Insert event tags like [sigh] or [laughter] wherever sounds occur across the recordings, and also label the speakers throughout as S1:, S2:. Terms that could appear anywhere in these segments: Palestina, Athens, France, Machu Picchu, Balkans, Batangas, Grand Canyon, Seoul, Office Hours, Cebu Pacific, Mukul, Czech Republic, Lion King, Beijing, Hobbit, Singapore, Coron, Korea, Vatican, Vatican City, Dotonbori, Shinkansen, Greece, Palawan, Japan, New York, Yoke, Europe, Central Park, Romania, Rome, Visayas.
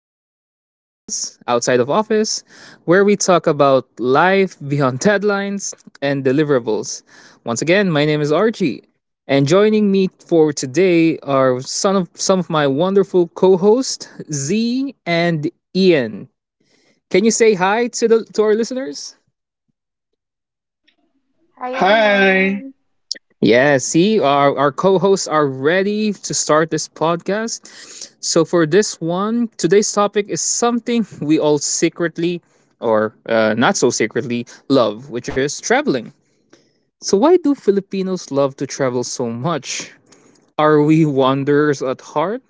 S1: Triple O podcast, Outside of Office, where we talk about life beyond [laughs] deadlines and deliverables. Once again, my name is Archie, and joining me for today are some of my wonderful co hosts, Z and Ian. Can you say hi to, to our listeners?
S2: Hi
S3: Hi.
S2: everyone.
S1: Yeah, see, our co hosts are ready to start this podcast. So, for this one, today's topic is something we all secretly, or not so secretly, love, which is traveling. So, why do Filipinos love to travel so much? Are we wanderers at heart?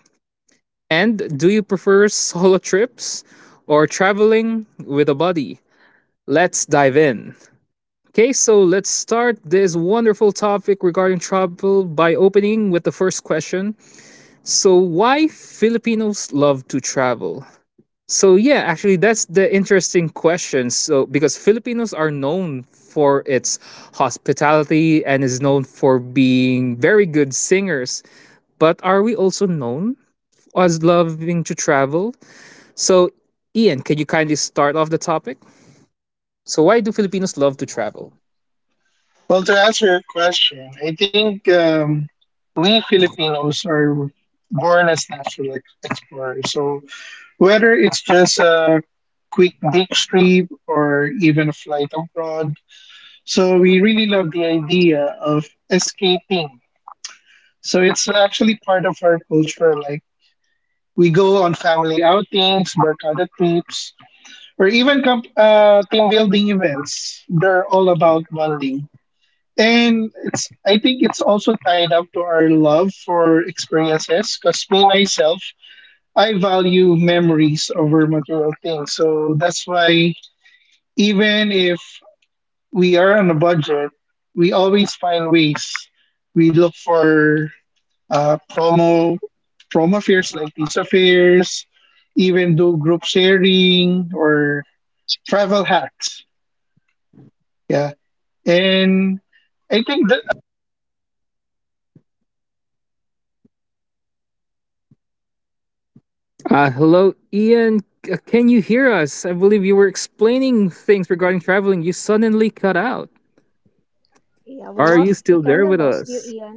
S1: And do you prefer [laughs] solo trips or traveling with a buddy? Let's dive in. Okay, so let's start this wonderful topic regarding travel by opening with the first question. So, why Filipinos love to travel? So, yeah, actually, that's the interesting question. So, because Filipinos are known for its hospitality and is known for being very good singers, but are we also known as loving to travel? So, Ian, can you kindly start off the topic? So, why do Filipinos love to travel?
S3: Well, to answer your question, I think we Filipinos are born as natural explorers. So whether it's just a quick beach trip or even a flight abroad, so we really love the idea of escaping. So it's actually part of our culture. Like we go on family outings, barkada trips, or even team building events. They're all about bonding. And it's I think it's also tied up to our love for experiences because me myself, I value memories over material things. So that's why even if we are on a budget, we always find ways. We look for uh, promo promo fairs like these affairs, even do group sharing or travel hacks. Yeah. And I think that
S1: Hello, Ian. Can you hear us? I believe you were explaining things regarding traveling. You suddenly cut out.
S2: Yeah, well,
S1: Are you
S2: we
S1: still
S2: kind of
S1: there with
S2: lost you,
S1: us?
S2: Ian.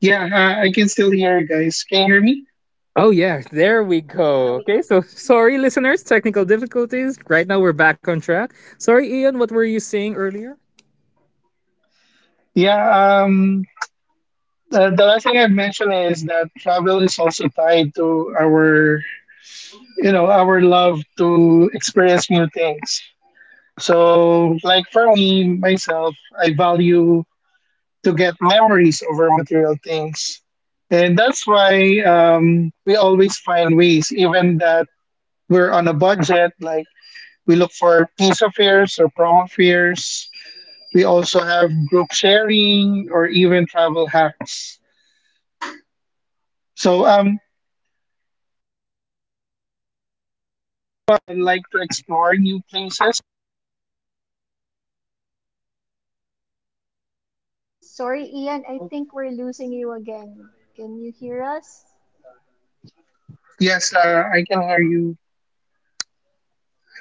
S3: Yeah, I can still hear you guys. Can you hear me?
S1: Oh, yeah, there we go. Okay, so sorry, listeners, technical difficulties. Right now, we're back on track. Sorry, Ian, what were you saying earlier?
S3: Yeah, the last thing I've mentioned is that travel is also tied to our, you know, our love to experience new things. So, like for me, myself, I value to get memories over material things. And that's why we always find ways, even that we're on a budget, like we look for piece of fairs or promo fairs. We also have group sharing or even travel hacks. So I like to explore new places.
S2: Sorry, Ian. I think we're losing you again. Can you hear us?
S3: Yes, I can hear you.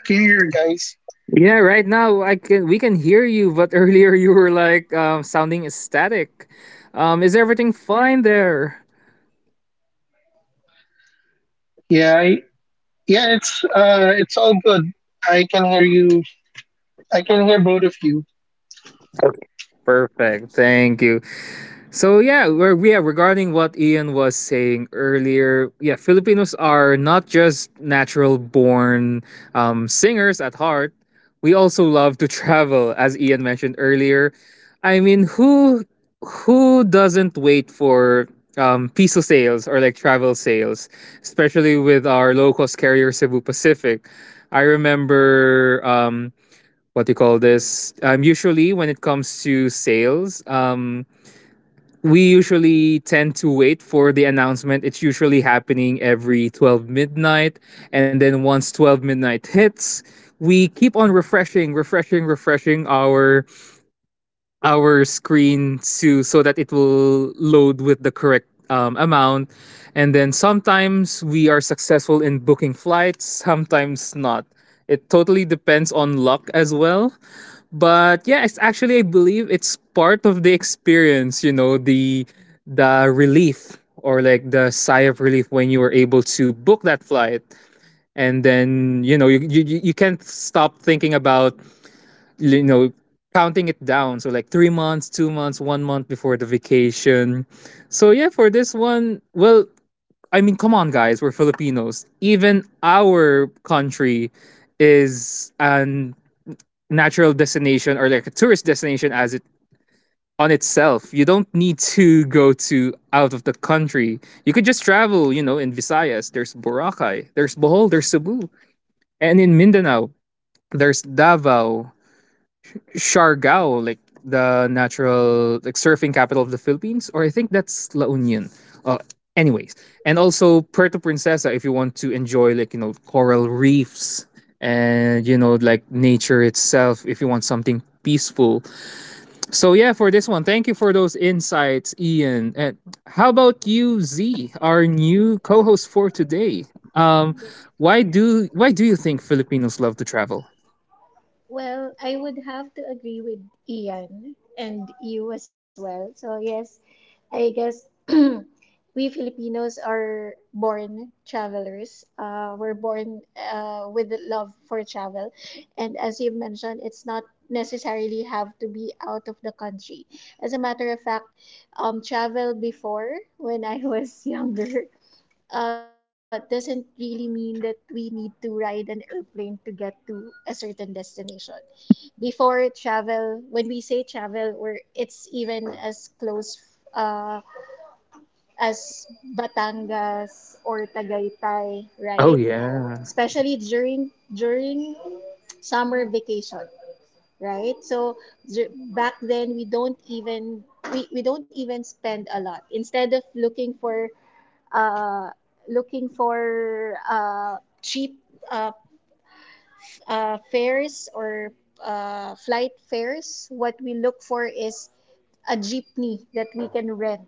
S3: Can you hear guys?
S1: Yeah, right now I can we can hear you, but [laughs] earlier you were like sounding ecstatic. Is everything fine there?
S3: Yeah, yeah, it's all good. I can hear you. I can hear both of you.
S1: Okay, perfect. Thank you. So yeah, yeah, regarding what Ian was saying earlier, yeah, Filipinos are not just natural born singers at heart. We also love to [laughs] travel, as Ian mentioned earlier. I mean, who doesn't wait for piso sales or like travel sales, especially with our low cost carrier Cebu Pacific? I remember what do you call this? Usually, when it comes to sales, we usually tend to wait for the announcement. It's usually happening every 12 midnight. And then once 12 midnight hits, we keep on refreshing our screen to so that it will load with the correct amount. And then sometimes we are successful in booking flights, sometimes not. It totally depends on luck as well. But yeah, it's actually I believe it's part of the experience, you know, the relief or like the sigh of relief when you were able to book that flight, and then you know you can't stop thinking about, you know, counting it down, so like 3 months, 2 months, 1 month before the vacation. So yeah, for this one, well, I mean, come on, guys, we're Filipinos. Even our country is an natural destination or like a tourist destination as it on itself. You don't need to go to out of the country. You could just travel, you know, in Visayas there's Boracay, there's Bohol, there's Cebu, and in Mindanao there's Davao, Siargao, like the natural like surfing capital of the Philippines, or I think that's La Union. Uh, Anyways, and also Puerto Princesa if you want to enjoy like, you know, coral reefs and, you know, like nature itself if you want something peaceful. So yeah, for this one, thank you for those insights, Ian. And how about you, Z, our new co-host for today? Um, why do you think Filipinos love to travel?
S2: Well, I would have to agree with Ian and you as well. So, yes, I guess [clears throat] we Filipinos are born travelers. We're born with the love for travel. And as you mentioned, it's not necessarily have to be out of the country. As a matter of fact, travel before when I was [laughs] younger doesn't really mean that we need to ride an airplane to get to a certain destination. Before travel, when we say travel, or it's even as close uh, as Batangas or Tagaytay,
S1: Oh
S2: right?
S1: yeah. [laughs]
S2: Especially during summer vacation, right? So back then we don't even we don't even spend a lot. Instead of looking for uh, looking for cheap uh, fares or flight fares, what we look for is a jeepney that we can rent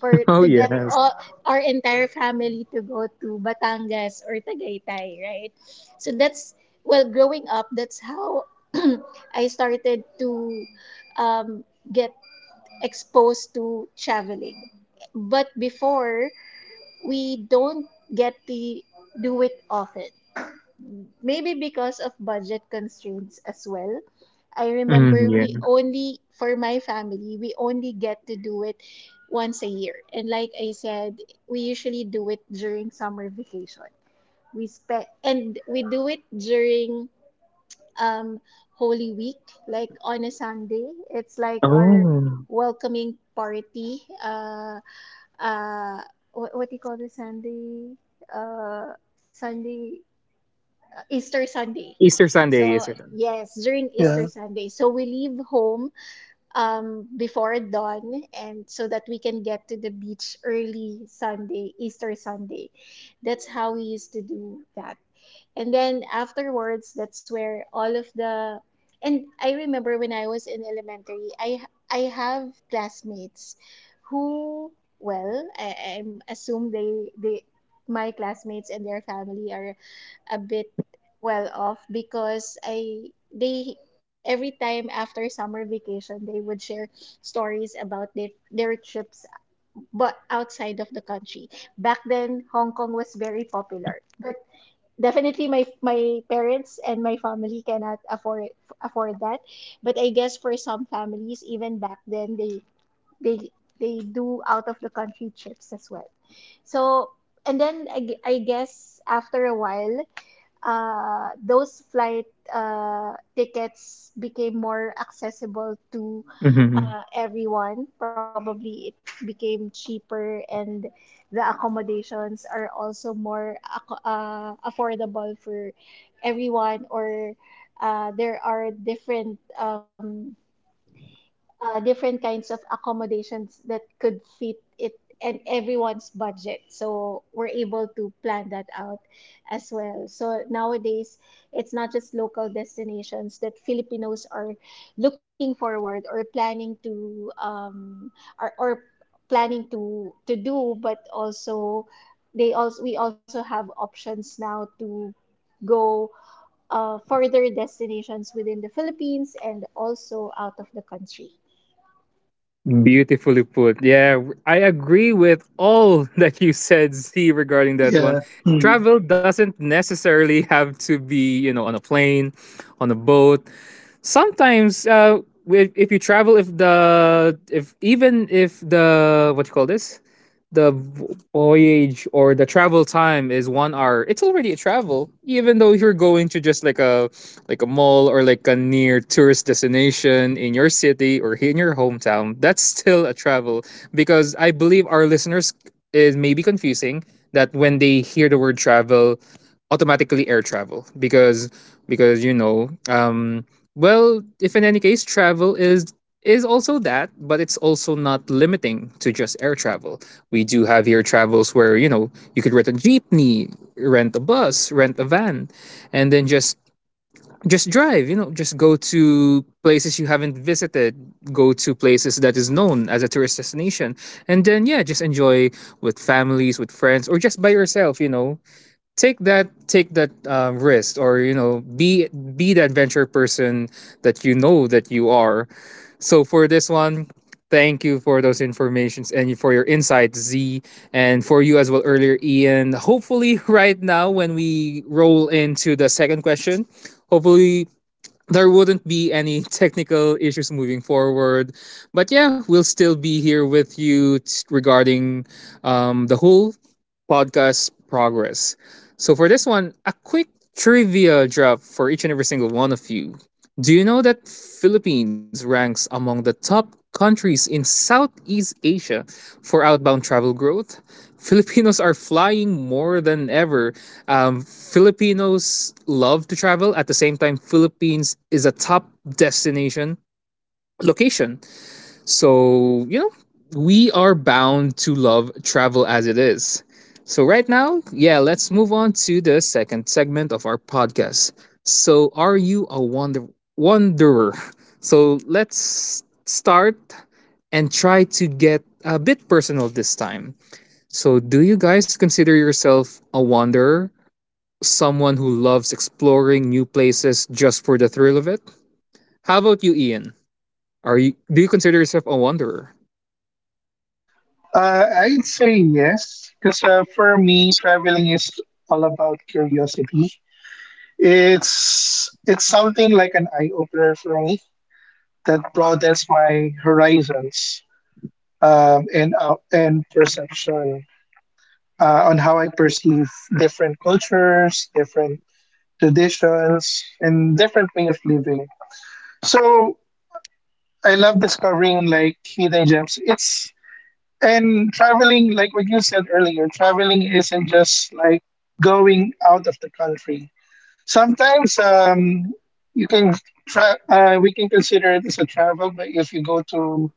S2: for
S1: Oh
S2: to get
S1: yes.
S2: all, our entire family to go to Batangas or Tagaytay, right? So that's well, growing up, that's how [clears throat] I started to um, get exposed to traveling. But before, we don't get to do it often. Maybe because of budget constraints as well. I remember we
S1: Mm.
S2: only, for my family, we only get to do it once a year. And like I said, we usually do it during summer vacation. We spend, and we do it during um, Holy Week, like on a Sunday. It's like our
S1: Oh.
S2: welcoming party. Uh, what do you call this Sunday? Sunday, Easter Sunday.
S1: Easter
S2: So
S1: Sunday, Easter Sunday.
S2: yes, during Easter
S3: Yeah,
S2: Sunday. So we leave home before dawn, and so that we can get to the beach early Sunday, Easter Sunday. That's how we used to do that. And then afterwards, that's where all of the and I remember when I was in elementary, I have classmates who well, I assume they my classmates and their family are a bit well off because I they every time after summer vacation they would share stories about their trips but outside of the country. Back then, Hong Kong was very popular, but definitely my parents and my family cannot afford that, but I guess for some families even back then they they do out of the country trips as well. So and then I guess after a while those flight tickets became more accessible to
S1: Mhm.
S2: everyone. Probably it became cheaper, and the accommodations are also more affordable for everyone. Or there are different different kinds of accommodations that could fit it and everyone's budget. So we're able to plan that out as well. So nowadays, it's not just local destinations that Filipinos are looking forward or planning to do, but also they also we also have options now to go further destinations within the Philippines and also out of the country.
S1: Beautifully put. Yeah, I agree with all [laughs] that you said, Z, regarding that one.
S3: yeah. Hmm.
S1: Travel doesn't necessarily have to be, you know, on a plane, on a boat. Sometimes if you travel, if even if the what you call this, the voyage or the travel time is 1 hour, it's already a travel, even though you're going to just like a mall or like a near tourist destination in your city or in your hometown. That's still a travel, because I believe our listeners is maybe confusing that when they hear the word travel, automatically air travel. Because you know, well, if in any case travel is also that, but it's also not limiting to just air travel. We do have here travels where, you know, you could rent a jeepney, rent a bus, rent a van, and then just drive, you know, just go to places you haven't visited, go to places that is known as a tourist destination, and then yeah, just enjoy with families, with friends, or just by yourself, you know, take that risk, or you know, be the adventure person that you know that you are. So for this one, thank you for those informations and for your insights, Z, and for you as well earlier, Ian. Hopefully [laughs] right now when we roll into the second question, hopefully there wouldn't be any [laughs] technical issues moving forward. But yeah, we'll still be here with you regarding the whole podcast progress. So for this one, a quick trivia drop for each and every single one of you. Do you know that Philippines ranks among the top countries in Southeast Asia for outbound travel growth? [laughs] Filipinos are flying more than ever. Filipinos love to travel. At the same time, Philippines is a top destination location. So, you know, we are bound to love travel as it is. So, right now, yeah, let's move on to the second segment of our podcast. So, are you a wanderer? So, let's start and try to get a bit personal this time. So, do you guys consider yourself a wanderer, someone who loves exploring new places just for the thrill of it? How about you, Ian? Are you Do you consider yourself a wanderer?
S3: I'd say yes, because for me, traveling is all about curiosity. It's something like an eye opener for me that broadens my horizons and perception on how I perceive different cultures, different traditions, and different way of living. So I love discovering like hidden gems. It's and traveling, like what you said earlier, traveling isn't just like going out of the country. Sometimes you can we can consider it as a travel, but if you go to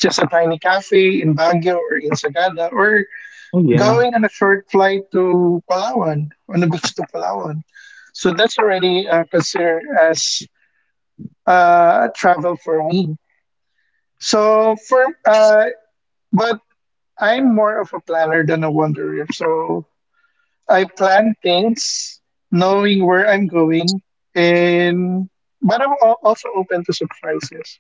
S3: just a tiny cafe in Baguio or in Sagada, or
S1: Oh yeah.
S3: going on a short flight to Palawan, on the beach to Palawan. So that's already considered as travel for me. So for but I'm more of a planner than a wanderer. So I plan things, knowing where I'm going, and but I'm also open to surprises.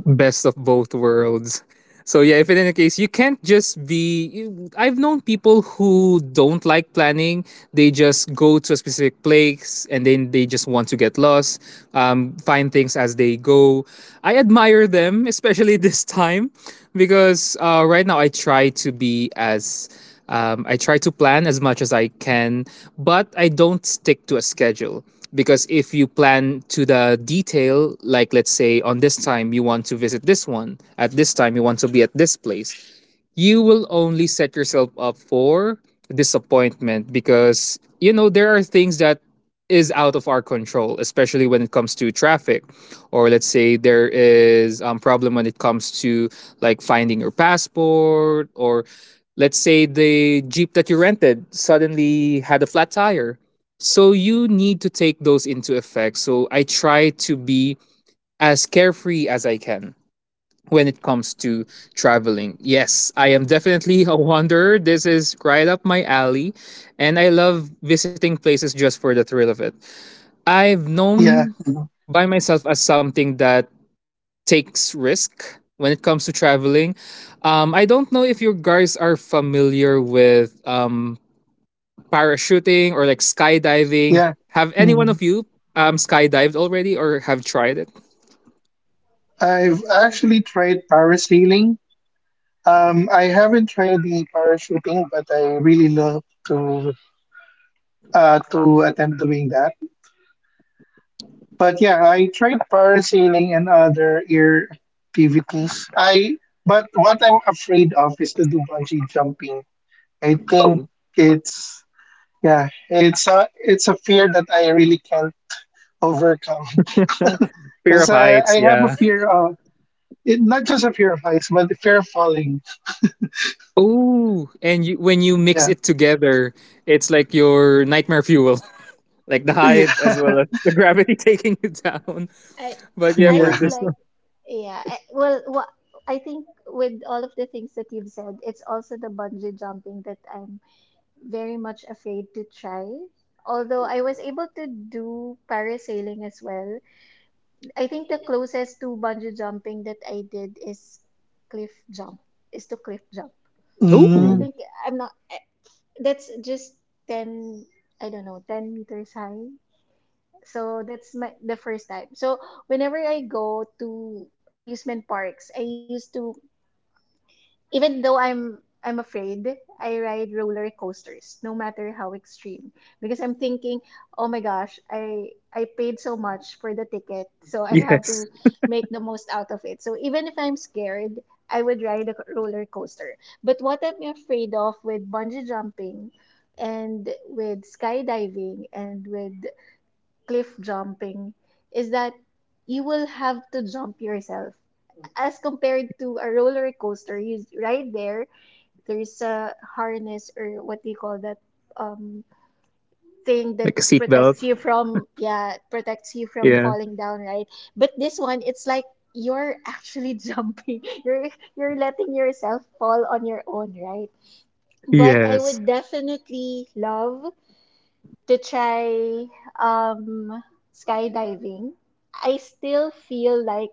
S1: Best of both worlds. So yeah, if in any case you can't just be I've known people who don't like planning. They just go to a specific place and then they just want to get lost, find things as they go. I admire them, [laughs] especially this time, because right now I try to be as I try to plan as much as I can, but I don't stick to a schedule, because if you plan to the detail, like let's say on this time you want to visit this one, at this time you want to be at this place, you will only set yourself up for disappointment, because you know there are things that is out of our control, especially when it comes to traffic, or let's say there is problem when it comes to like finding your passport, or let's say the jeep that you rented suddenly had a flat tire. So you need to take those into effect. So I try to be as carefree as I can when it comes to traveling. Yes, I am definitely a wanderer. This is right up my alley. And I love visiting places just for the thrill of it. I've
S3: Yeah,
S1: known
S3: mm-hmm.
S1: by myself as something that takes risk when it comes to traveling. I don't know if you guys are familiar with parachuting or like skydiving.
S3: Yeah.
S1: Have any one
S3: Hmm.
S1: of you skydived already or have tried it?
S3: I've actually tried
S2: Mm.
S3: parasailing. I haven't tried the parachuting, but I really love to to attempt doing that. But yeah, I tried parasailing and other air activities. I but what I'm afraid of is to do bungee jumping. I think it's yeah, it's a fear that I really can't overcome [laughs]
S1: [laughs] Fear
S3: because
S1: of
S3: I
S1: heights,
S3: have a
S1: yeah.
S3: fear of it, not just a fear of heights, but the fear of falling.
S1: Oh, and you, when you mix
S3: Yeah,
S1: it together, it's like your nightmare fuel, [laughs] like the
S3: yeah,
S1: height as
S3: [laughs]
S1: well as the gravity [laughs] taking you down.
S2: I
S1: But yeah,
S2: I
S1: for
S3: yeah.
S2: would
S1: this
S2: like
S1: one,
S2: yeah I, well what I think with all of the things that you've said it's also the bungee jumping that I'm very much afraid to try, although I was able to do parasailing as well. I think the closest to bungee jumping that I did is cliff jump is to cliff jump. I
S3: Mm.
S2: think
S1: ooh,
S2: I'm not I- That's just 10, I don't know, 10 meters high. So that's my the first time. So whenever I go to amusement parks, I used to even though I'm afraid, I ride roller coasters, no matter how extreme, because I'm thinking, oh my gosh, I paid so much for the ticket, so I
S1: yes,
S2: have to make the most out of it. So even if I'm scared, I would ride a roller coaster. But what I'm afraid of with bungee jumping and with skydiving and with cliff jumping is that you will have to jump yourself. As compared to a roller coaster, you right there, there's a harness or what do you call that um thing that
S1: like a seatbelt.
S2: protects you from protects you from
S1: Yeah,
S2: falling down, right? But this one it's like you're actually [laughs] jumping. You're letting yourself fall on your own, right? But I would
S1: yes,
S2: definitely love to try um skydiving. I still feel like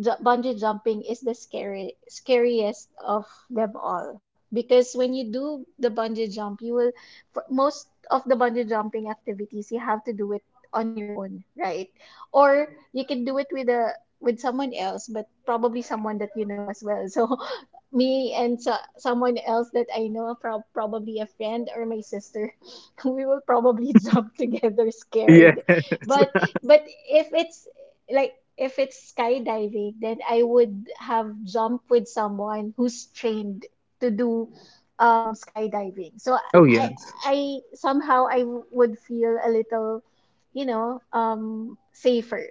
S2: bungee jumping is the scary scariest of them all, because when you do the bungee jump you will for most of the bungee jumping activities you have to do it on your own, right? Or you can do it with a with someone else, but probably someone that you know as well. [laughs] So someone else that I know probably a friend or my sister [laughs] we will probably [laughs] jump together scared.
S1: yes.
S2: But
S1: [laughs]
S2: but if it's like if it's skydiving, then I would have jumped with someone who's trained to do skydiving. So
S1: Oh
S2: I,
S1: yes,
S2: I somehow I would feel a little, you know, safer.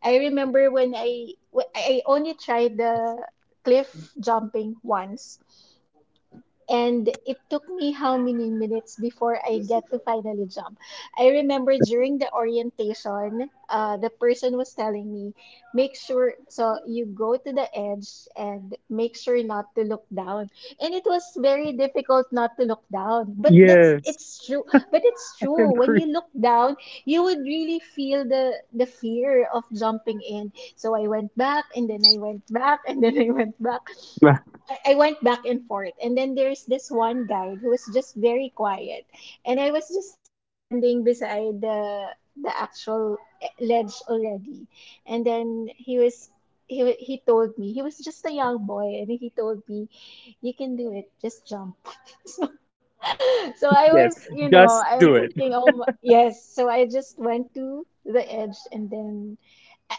S2: I remember when I only tried the cliff jumping once. And it took me how many minutes before I get to finally jump. I remember during the orientation, the person was telling me, make sure, so you go to the edge and make sure not to look down. And it was very difficult not to look down. But that's,
S1: yes.
S2: it's true. But it's
S1: I
S2: true. When you
S1: agree.
S2: look down, you would really feel the fear of jumping in. So I went back, and then I went back, and then I went back.
S1: [laughs]
S2: I went back and forth. And then there's this one guide who was just very quiet. And I was just standing beside the actual ledge already. And then he told me he was just a young boy and he told me you can do it, just jump. [laughs] So, so I
S1: Yes,
S2: was, you know,
S1: just
S2: I'm
S1: do it.
S2: thinking oh my, yes, so I just went to the edge and then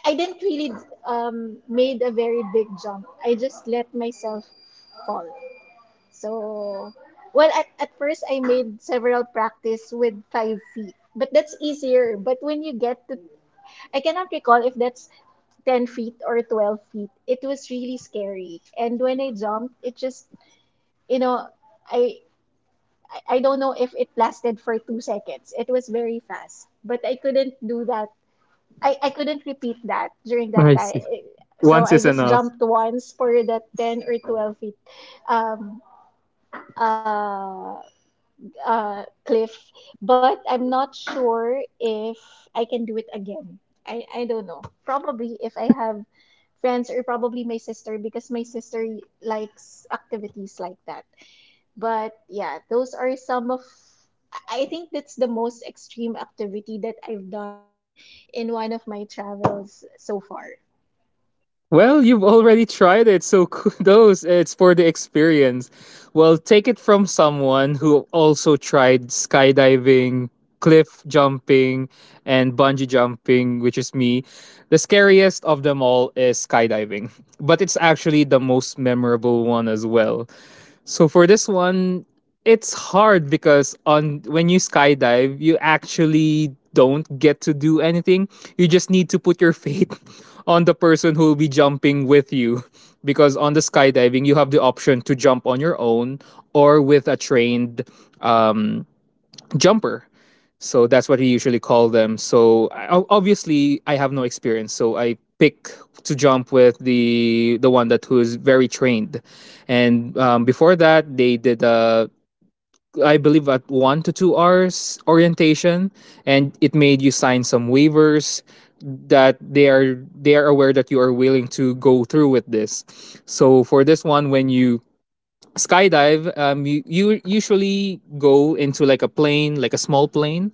S2: I didn't really made a very big jump. I just let myself fall. So, well, at first I made several practice with 5 feet, but that's easier. But when you get to, I cannot recall if that's 10 feet or 12 feet. It was really scary. And when I jumped, it just, you know, I don't know if it lasted for 2 seconds. It was very fast, but I couldn't do that. I couldn't repeat that during that
S1: I
S2: time.
S1: see.
S2: So
S1: Once
S2: I
S1: is
S2: just
S1: enough.
S2: jumped once for that 10 or 12 feet um, uh, cliff. But I'm not sure if I can do it again. I don't know. Probably if I have friends or probably my sister, because my sister likes activities like that. But yeah, those are some of I think that's the most extreme activity that I've done in one of my travels so far.
S1: Well, you've already tried it, so [laughs] kudos. It's for the experience. Well, take it from someone who also tried skydiving, cliff jumping, and bungee jumping, which is me. The scariest of them all is skydiving, [laughs] but it's actually the most memorable one as well. So for this one, it's hard because on when you skydive, you actually don't get to do anything. You just need to put your faith [laughs] on the person who will be jumping with you. [laughs] Because on the skydiving, you have the option to jump on your own or with a trained um, jumper. So that's what we usually call them. So obviously, I have no experience, so I pick to jump with the one that who is very trained. And before that, they did a I believe at 1 to 2 hours orientation, and it made you sign some waivers that they are aware that you are willing to go through with this. So for this one, when you skydive, you usually go into like a plane, like a small plane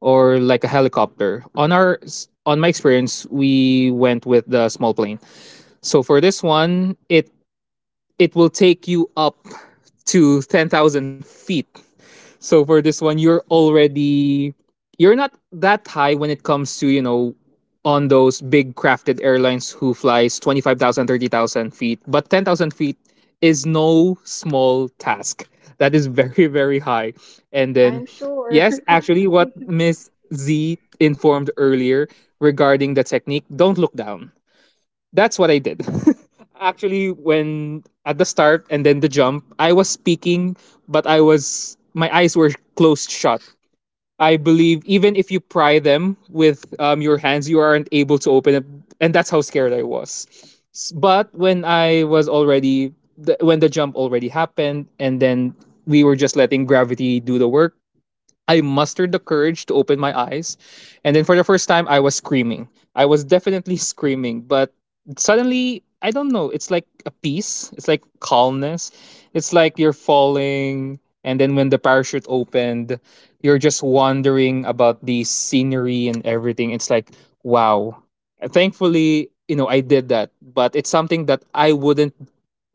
S1: or like a helicopter. On my experience, we went with the small plane. So for this one, it will take you up to 10,000 feet. So for this one, you're not that high when it comes to, on those big crafted airlines who flies 25,000 30,000 feet, but 10,000 feet is no small task. That is [laughs] very, very high. And then,
S2: I'm sure.
S1: yes,
S2: [laughs]
S1: actually, what Miss Z informed earlier regarding the technique, don't look down. That's what I did. [laughs] Actually, when at the start and then the jump, I was speaking, but I was my eyes were closed shut. I believe even if you pry them with your hands, you aren't able to open it, and that's how scared I was. But when I was already the, when the jump already happened, and then we were just letting gravity do the work, I mustered the courage to open my eyes. And then for the first time, I was screaming. I was definitely screaming, but suddenly, I don't know, it's like a peace, it's like calmness. It's like you're falling. And then when the parachute opened, you're just wondering about the scenery and everything. It's like, wow. Thankfully, I did that, but it's something that I wouldn't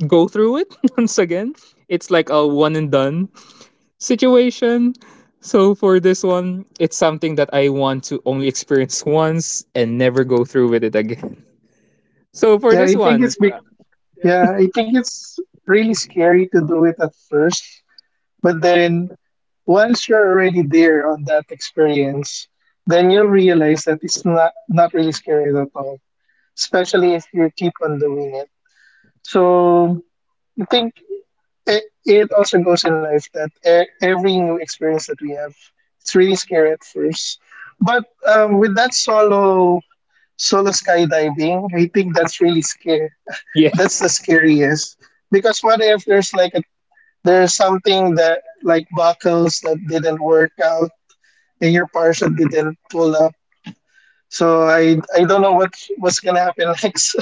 S1: go through it [laughs] once again. It's like a one and done situation. So for this one, it's something that I want to only experience once and never go through with it again. [laughs] So for
S3: Yeah,
S1: this
S3: I think
S1: one,
S3: it's because. Yeah, I think it's really scary to do it at first, but then once you're already there on that experience, then you'll realize that it's not not really scary at all, especially if you keep on doing it. So I think it also goes in life that every new experience that we have, it's really scary at first, but with that solo skydiving, I think that's really scary.
S1: yeah.
S3: That's the scariest. Because what if there's there's something that like buckles that didn't work out and your parcel didn't pull up. So I don't know what what's gonna happen [laughs] next.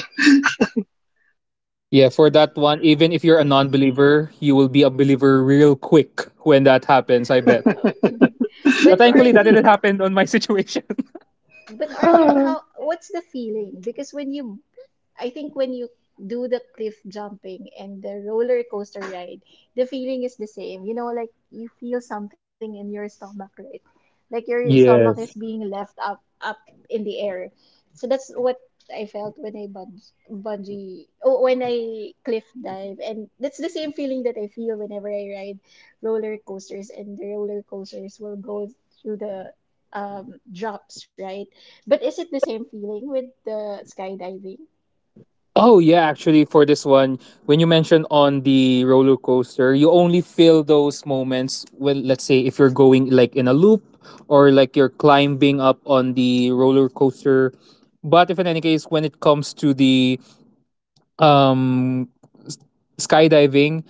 S1: Yeah, for that one,
S2: But
S1: even if you're a non-believer, you will be a believer real quick when that happens, I bet. But
S2: but
S1: thankfully that
S2: RG,
S1: didn't [laughs] happen on my situation.
S2: but RG, how
S1: [laughs]
S2: what's the feeling? Because when you I think when you do the cliff jumping and the roller coaster ride, the feeling is the same. You know, like you feel something in your stomach, right? Like your stomach is
S1: Yes.
S2: being left up in the air. So that's what I felt when I when I cliff dive, and that's the same feeling that I feel whenever I ride roller coasters, and the roller coasters will go through the drops, right? But is it the same feeling with the skydiving? Oh,
S1: Oh yeah, actually for this one, when you mentioned on the roller coaster, you only feel those moments when let's say if you're going like in a loop or like you're climbing up on the roller coaster. But if in any case when it comes to the um s- skydiving,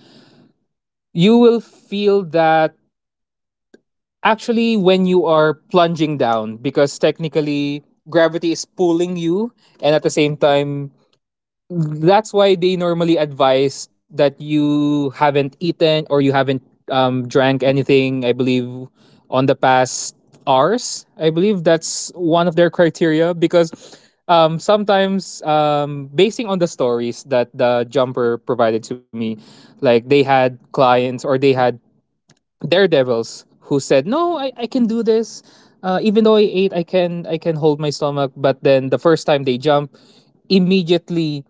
S1: you will feel that. Actually, when you are plunging down, because technically gravity is pulling you, and at the same time, that's why they normally advise that you haven't eaten or you haven't drank anything, I believe, on the past hours. I believe that's one of their criteria because sometimes, basing on the stories that the jumper provided to me, like they had clients or they had daredevils who said no, I can do this, even though I ate I can hold my stomach. But then the first time they jump, immediately,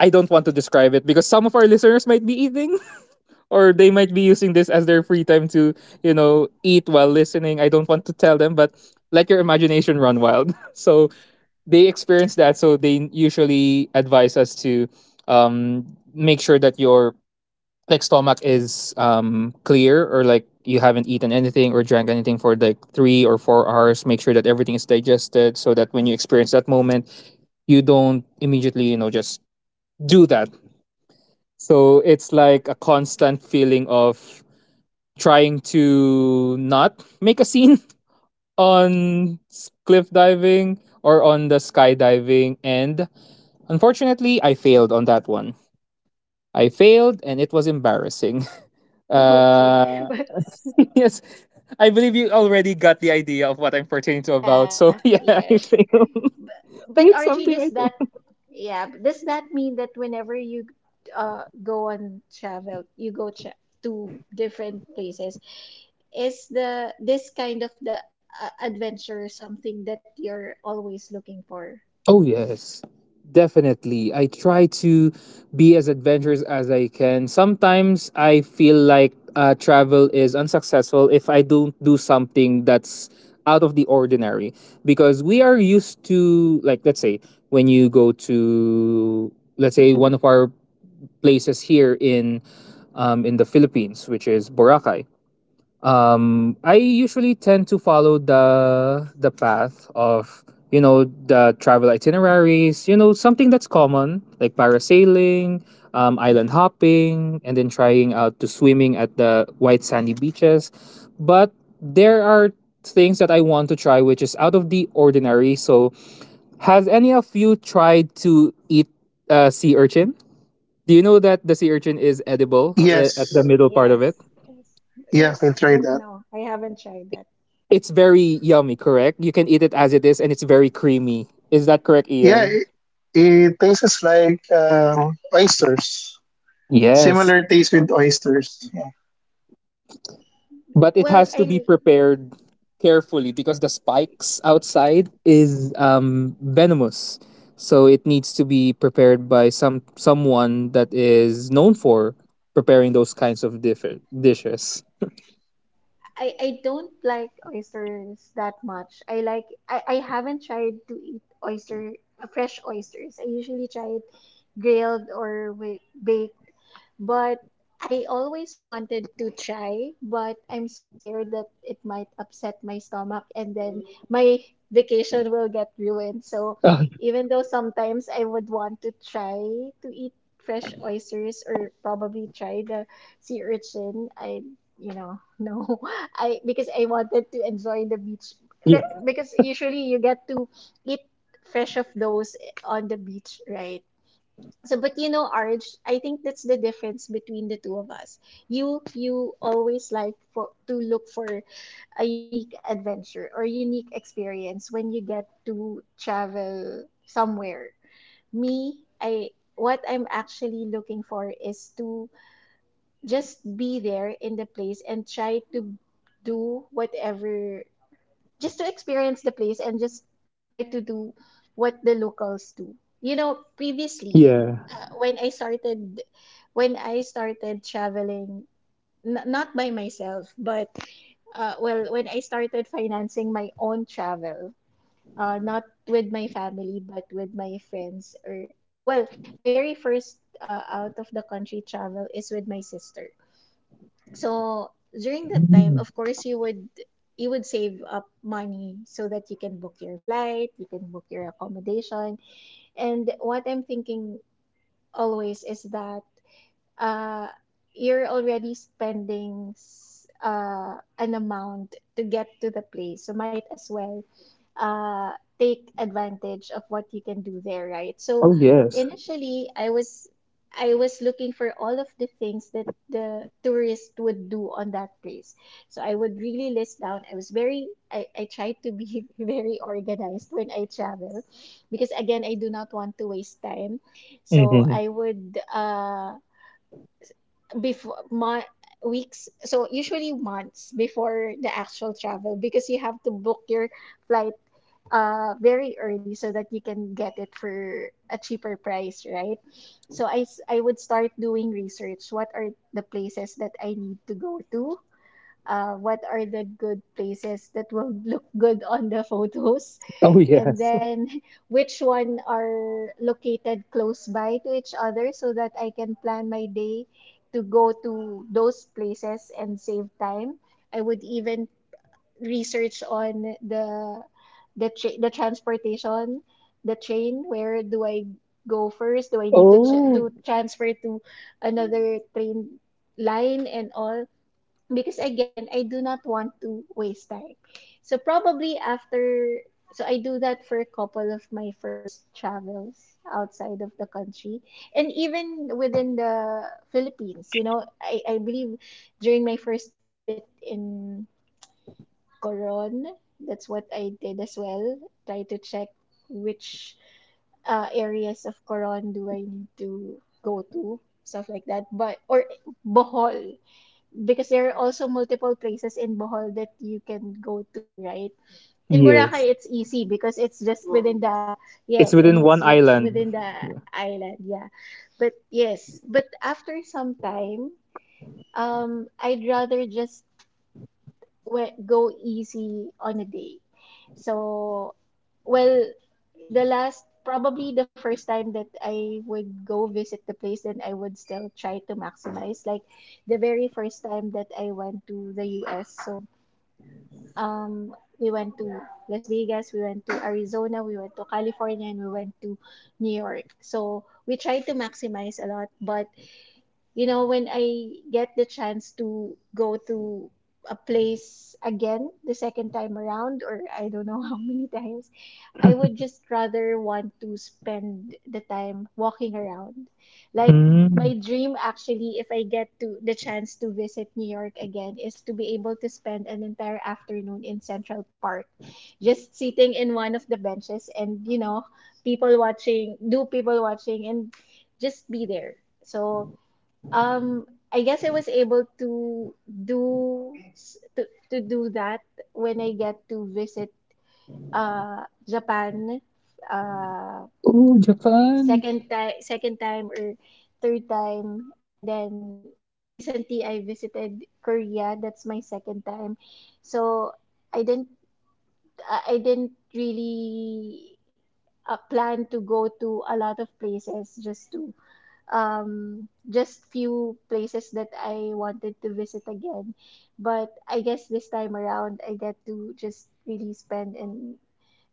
S1: I don't want to describe it because some of our listeners might be eating [laughs] or they might be using this as their free time to eat while listening. I don't want to tell them, but let your imagination run wild. [laughs] So they experience that, so they usually advise us to um, make sure that your like stomach is clear, or like you haven't eaten anything or drank anything for like 3 or 4 hours. Make sure that everything is digested so that when you experience that moment, you don't immediately just do that. So it's like a constant feeling of trying to not make a scene [laughs] on cliff diving or on the skydiving. And unfortunately I failed on that one. I failed and it was embarrassing.
S2: [laughs] okay.
S1: Uh,
S2: But
S1: [laughs] yes, I believe you already got the idea of what I'm pertaining to about.
S2: yeah,
S1: So [laughs] yeah, I
S2: yes.
S1: failed, [laughs] and it's
S2: But RG,
S1: something
S2: does
S1: I
S2: that
S1: don't.
S2: yeah, does that mean that whenever you go on travel, you go tra to different places, is the this kind of the adventure something that you're always looking for?
S1: Oh yes, definitely. I try to be as adventurous as I can. Sometimes I feel like travel is unsuccessful if I don't do something that's out of the ordinary, because we are used to like let's say when you go to, let's say, one of our places here in, in the Philippines, which is Boracay. I usually tend to follow the path of the travel itineraries. You know, something that's common like parasailing, island hopping, and then trying out to swimming at the white sandy beaches. But there are things that I want to try which is out of the ordinary. So has any of you tried to eat sea urchin? Do you know that the sea urchin is edible at the
S3: Yes,
S1: middle part of it?
S2: Yes. Yes.
S3: yeah,
S2: Yes,
S3: I
S2: but
S3: tried that.
S2: no, I haven't tried that.
S1: It's very yummy, correct? You can eat it as it is and it's very creamy. Is that correct,
S3: Yeah,
S1: Ian?
S3: it tastes like oysters.
S1: Yes.
S3: Similar taste with oysters. Yeah,
S1: But it
S2: Well,
S1: has to
S2: I
S1: be prepared carefully because the spikes outside is venomous. So it needs to be prepared by someone that is known for preparing those kinds of dishes.
S2: I don't like oysters that much. I haven't tried to eat oyster fresh oysters. I usually try it grilled or with baked, but I always wanted to try, but I'm scared that it might upset my stomach and then my vacation will get ruined. So
S1: Uh,
S2: even though sometimes I would want to try to eat fresh oysters or probably try the sea urchin, I you know, [laughs] no. I because I wanted to enjoy the beach.
S1: yeah.
S2: That because usually you get to eat fresh of those on the beach, right? So, but you know, Arj, I think that's the difference between the two of us. You always like for to look for a unique adventure or unique experience when you get to travel somewhere. Me, I what I'm actually looking for is to just be there in the place and try to do whatever just to experience the place and just try to do what the locals do. You know, previously,
S1: Yeah.
S2: when I started, traveling, not by myself, but when I started financing my own travel, not with my family, but with my friends, or well, my very first out of the country travel is with my sister. So during that time,
S1: Mm.
S2: of course, you would save up money so that you can book your flight, you can book your accommodation. And what I'm thinking always is that uh, you're already spending an amount to get to the place. So might as well uh, take advantage of what you can do there, right? So
S1: Oh, yes.
S2: initially, I was looking for all of the things that the tourist would do on that place. So I would really list down. I was very I tried to be [laughs] very organized when I travel because again I do not want to waste time. So
S1: Hmm.
S2: I would before my weeks, so usually months before the actual travel because you have to book your flight very early so that you can get it for a cheaper price, right? So I would start doing research. What are the places that I need to go to? What are the good places that will look good on the [laughs] photos,
S1: Oh,
S2: and
S1: yes. [laughs]
S2: then [laughs] which one are located close by to each other so that I can plan my day to go to those places and save time? I would even research on the transportation, the train. Where do I go first? Do I need to
S1: Oh,
S2: transfer to another train line and all? Because again, I do not want to waste time. So probably after, so I do that for a couple of my first travels outside of the country and even within the Philippines. You know, I believe during my first visit in Coron, that's what I did as well. Try to check which areas of Coron do I need to go to, stuff like that, but or Bohol, because there are also multiple places in Bohol that you can go to, right? In
S1: yes.
S2: Boracay, it's easy because it's just within the,
S1: It's
S2: yes, and
S1: within
S2: it's
S1: one
S2: just within
S1: island.
S2: the island, yeah. But yes, but after some time, I'd rather just go easy on a day. So, well, the last, probably the first time that I would go visit the place, then I would still try to maximize. Like the very first time that I went to the US, so we went to Las Vegas, we went to Arizona, we went to California, and we went to New York. So we tried to maximize a lot, but you know, when I get the chance to go to a place again the second time around, or I don't know [laughs] how many times, I would just rather want to spend the time walking around. Like,
S1: Mm.
S2: my dream actually, if I get to the chance to visit New York again, is to be able to spend an entire afternoon in Central Park, just sitting in one of the benches and, you know, people watching, do people watching, and just be there. So, I guess I was able to do to do that when I get to visit Japan, uh
S1: Oh, Japan.
S2: second time or third time, and then recently I visited Korea. That's my second time. So I didn't, I didn't really plan to go to a lot of places, just to just few places that I wanted to visit again. But I guess this time around I get to just really spend and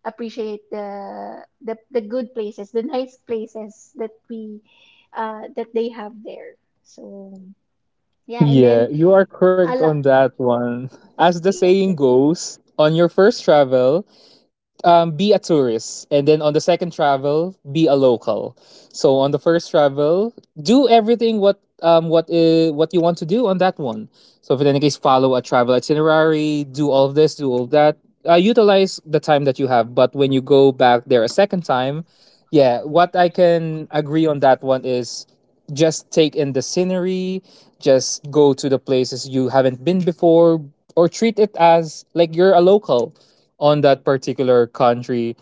S2: appreciate the good places, the nice places that we that they have there. So yeah, and then
S1: Yeah, you are correct
S2: a
S1: on
S2: lot,
S1: that one. As the
S2: yeah,
S1: saying
S2: that,
S1: goes, on your first travel, be a tourist, and then on the second travel be a local. So on the first travel, do everything, what you want to do on that one. So if in any case, follow a travel itinerary, do all of this, do all that, utilize the time that you have. But when you go back there a second time, yeah, what I can agree on that one is just take in the scenery, just go to the places you haven't been before, or treat it as like you're a local on that particular country.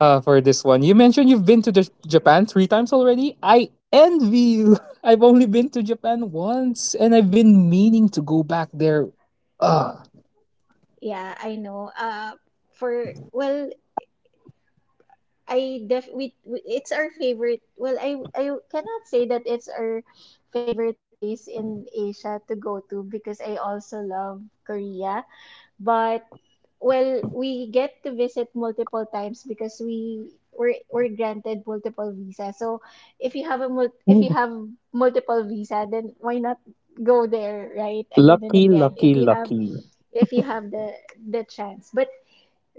S1: For this one, you mentioned you've been to Japan three times already. I envy you. [laughs] I've only been to Japan once, and I've been meaning to go back there. Uh,
S2: yeah, I know. For, well, I def we, it's our favorite. Well, I cannot say that it's our favorite place in Asia to go to because I also love Korea. But well, we get to visit multiple times because we were granted multiple visa. So if you have a mul if you have multiple visa, then why not go there, right? Again and
S1: Lucky,
S2: again,
S1: lucky, lucky.
S2: if you have the chance. But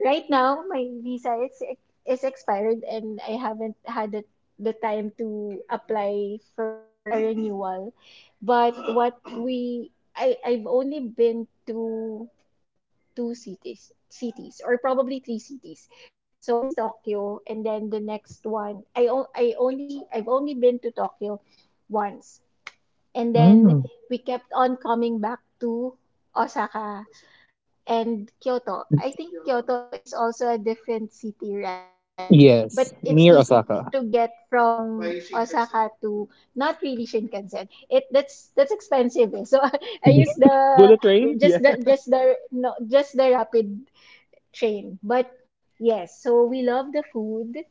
S2: right now, my visa is expired and I haven't had the time to apply for a renewal. But what we I I've only been to two cities or probably three cities. So one is Tokyo, and then the next one I've only been to Tokyo once. And then
S1: Mm.
S2: we kept on coming back to Osaka and Kyoto. I think Kyoto is also a different city, right? Yeah. But
S1: Yes,
S2: it's
S1: near
S2: easy
S1: Osaka.
S2: to get from Osaka to, not really Shinkansen. It, that's expensive. Eh. So [laughs] I use
S1: [laughs]
S2: the
S1: Bullet train?
S2: just
S1: Yeah.
S2: the just the no just the rapid train. But yes, so we love the food.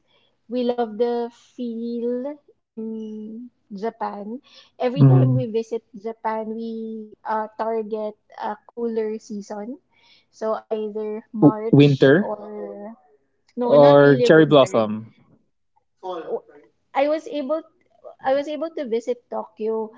S2: We love the feel in Japan. Every time
S1: Mm.
S2: we visit Japan, we target a cooler season. So either
S1: W-
S2: March
S1: Winter
S2: or, no, not
S1: or
S2: really
S1: Cherry
S2: winter.
S1: Blossom?
S2: Fall, right? I was able to visit Tokyo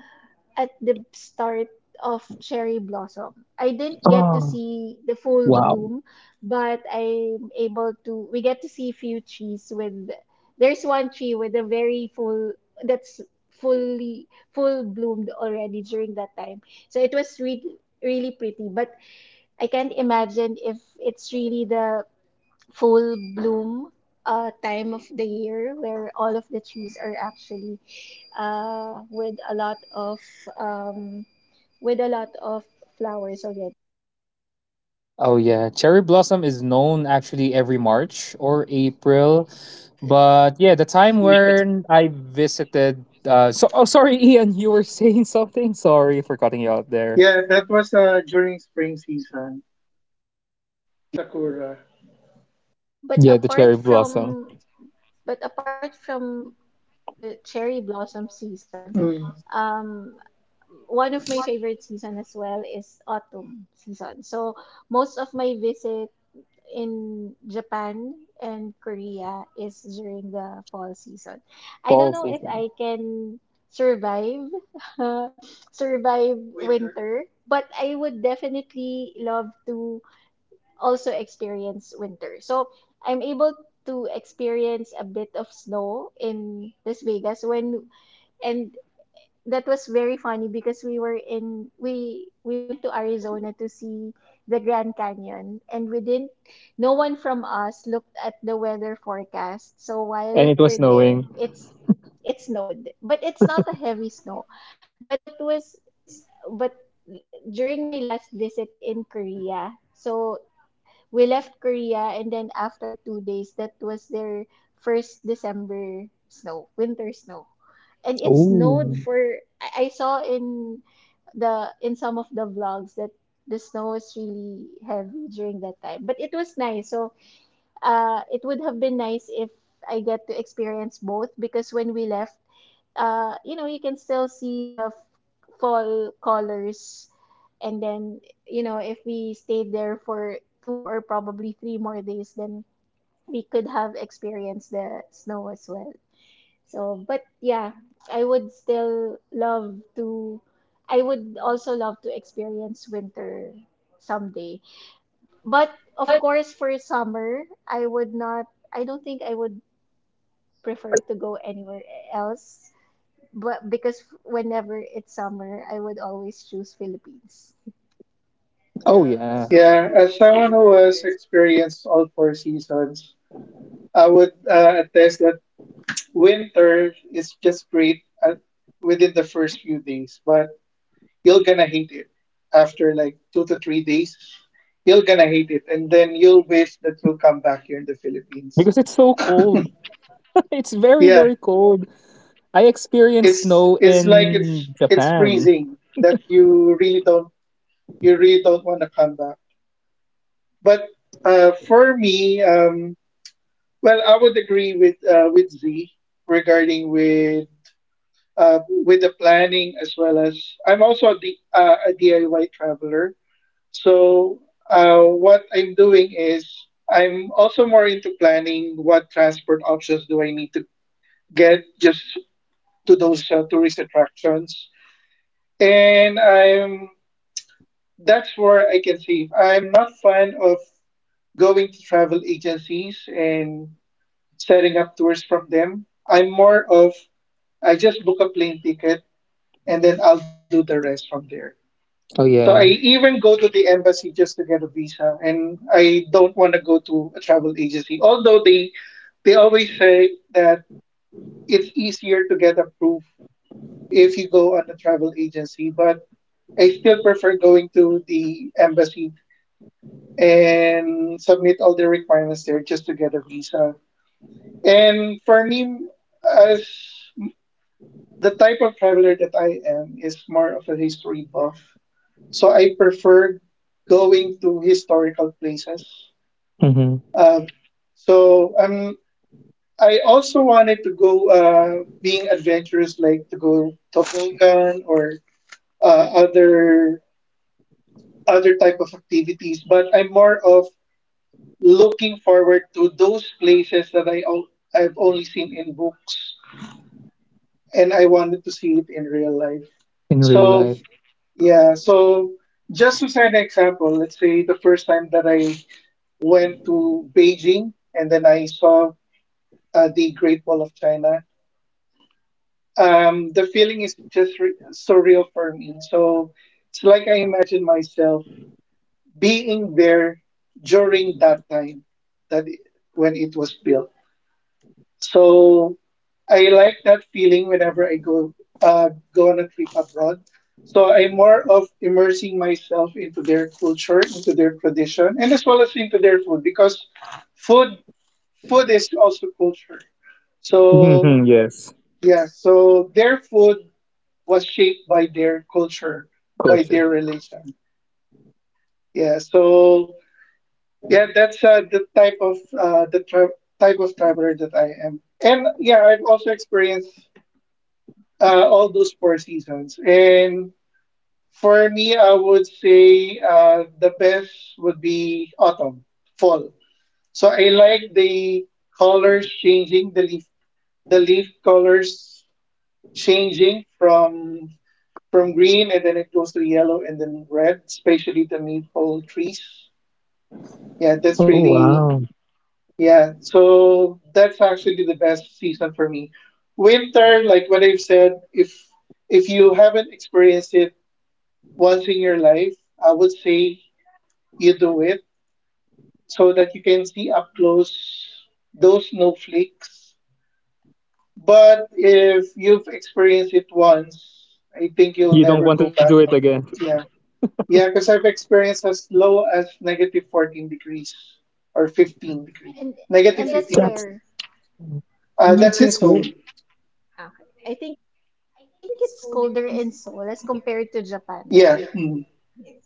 S2: at the start of cherry blossom. I didn't get to
S1: Oh,
S2: see the full
S1: wow.
S2: bloom, but I'm able to we get to see a few trees with, there's one tree with a very full, that's fully full bloomed already during that time. So it was really pretty, but I can't imagine if it's really the full bloom time of the year where all of the trees are actually uh, with a lot of um, with a lot of flowers already.
S1: Oh yeah, Cherry Blossom is known actually every March or April. But yeah, the time when I
S3: season.
S1: visited, so sorry, [laughs] Ian, you were saying something. Sorry for cutting you out there.
S3: Yeah, that was during spring season. Sakura.
S2: But
S1: Yeah, the cherry
S2: apart
S1: blossom.
S2: from, but apart from the cherry blossom season,
S3: Mm.
S2: um, one of my favorite season as well is autumn season. So most of my visit in Japan and Korea is during the fall season. I don't
S1: Fall
S2: know if
S1: season.
S2: I can survive [laughs] survive winter, but I would definitely love to also experience winter. So I'm able to experience a bit of snow in Las Vegas when, and that was very funny because we were in we went to Arizona to see the Grand Canyon and we didn't, no one from us looked at the weather forecast. So
S1: And
S2: while
S1: it was
S2: we're
S1: snowing.
S2: there, it snowed, but it's not a heavy snow. But what was, but during my last visit in Korea, so we left Korea and then after 2 days, that was their first December snow, winter snow. And it's snowed
S1: Oh.
S2: for, I saw in the in some of the vlogs that the snow was really heavy during that time, but it was nice. So
S1: Hello,
S2: it would
S1: Z. Are
S2: have
S1: you
S2: been
S1: still
S2: nice if
S1: there?
S2: I get to
S1: You
S2: experience
S1: cut
S2: both because
S1: out.
S2: when we left, you know, you can still see the fall colors, and then, you know, if we stayed there for 2 or probably 3 more days, then we could have experienced the snow as well. So, but yeah, I would still love to, I would also love to experience winter someday. But of course, for summer, I would not, I don't think I would prefer to go anywhere else. But because whenever it's summer, I would always choose Philippines. [laughs]
S1: Oh, yeah.
S3: Yeah, as someone who has experienced all four seasons, I would attest that winter is just great at, within the first few days, but you're gonna hate it after like 2 to 3 days. You're gonna hate it, and then you'll wish that you'll come back here in the Philippines.
S1: Because it's so cold. [laughs] It's very,
S3: Yeah,
S1: very cold. I experienced
S3: it's
S1: snow
S3: it's like it's
S1: in
S3: it's
S1: Japan.
S3: freezing that you really don't want to come back. But for me, well, I would agree with Z regarding with the planning as well as I'm also a DIY traveler. So what I'm doing is I'm also more into planning what transport options do I need to get just to those tourist attractions, and I'm that's where I can save. I'm not fan of going to travel agencies and setting up tours from them. I'm more of I just book a plane ticket and then I'll do the rest from there.
S1: Oh
S3: So I
S1: yeah.
S3: even go to the embassy just to get a visa, and I don't want to go to a travel agency. Although they always say that it's easier to get approved if you go on a travel agency, but I still prefer going to the embassy and submit all the requirements there just to get a visa. And for me, as the type of traveler that I am is more of a history buff, so I prefer going to historical places.
S1: Hmm.
S3: Um, so um, I also wanted to go being adventurous, like to go toboggan or uh, other other type of activities. But I'm more of looking forward to those places that I've only seen in books, and I wanted to see it in real life.
S1: In real
S3: So
S1: life.
S3: yeah, so just to set an example, let's say the first time that I went to Beijing, and then I saw the Great Wall of China. The feeling is just so real for me. So it's like I imagine myself being there during that time that it, when it was built. So I like that feeling whenever I go go on a trip abroad. So I'm more of immersing myself into their culture, into their tradition, and as well as into their food because food food is also culture. So
S1: Hmm, yes.
S3: yeah, so their food was shaped by their culture, by
S1: Culture.
S3: their religion. Yeah, so yeah, that's the type of the tra- type of traveler that I am. And yeah, I've also experienced all those four seasons. And for me, I would say the best would be autumn, fall. So I like the colors changing, the leaf colors changing from. From green and then it goes to yellow and then red, especially the maple trees. Yeah, that's
S1: Oh
S3: really,
S1: wow.
S3: yeah. So that's actually the best season for me. Winter, like what I've said, if you haven't experienced it once in your life, I would say you do it so that you can see up close those snowflakes. But if you've experienced it once, I think
S1: You
S3: you'll
S1: don't
S3: never
S1: want to
S3: go
S1: do it
S3: back.
S1: again.
S3: Yeah. Yeah, because I've experienced as low as negative 14 degrees or 15 degrees.
S2: And
S3: Negative
S2: that's
S3: 15.
S1: That's
S2: where,
S1: th-
S3: That's in
S1: that's
S3: Seoul.
S1: weird.
S2: ah, I think I think it's colder in Seoul as compared to Japan, right?
S3: Yeah.
S2: Yeah.
S3: Mm.
S2: Mm.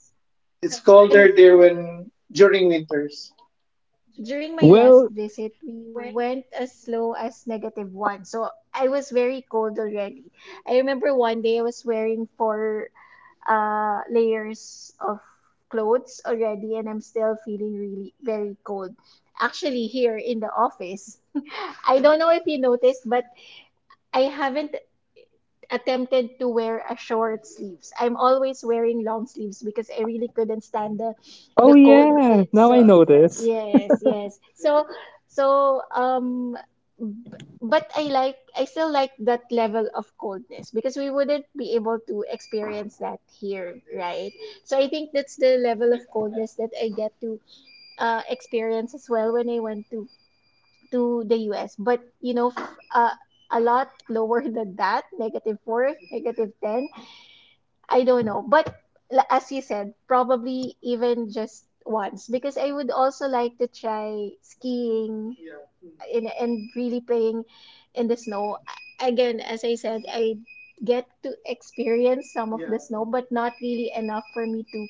S3: It's
S2: When
S3: colder
S2: colder
S3: there
S2: there,
S3: when during winters.
S2: during my last
S1: Well,
S2: visit, we went as low as negative one. So I was very cold already. I remember one day I was wearing four layers of clothes already, and I'm still feeling really very cold. Actually, here in the office, [laughs] I don't know if you noticed, but I haven't attempted to wear a short sleeves. I'm always wearing long sleeves because I really couldn't stand the
S1: oh
S2: the cold.
S1: yeah, now I
S2: So
S1: know this.
S2: yes, yes. So so um b- but I still like that level of coldness because we wouldn't be able to experience that here, right? So I think that's the level of coldness that I get to experience as well when I went to the US, but you know, a lot lower [laughs] than that, negative four, negative ten. I don't know, but as you said, probably even just once because I would also like to try skiing in and really playing in the snow. Again, as I said, I get to experience some of the snow, but not really enough for me to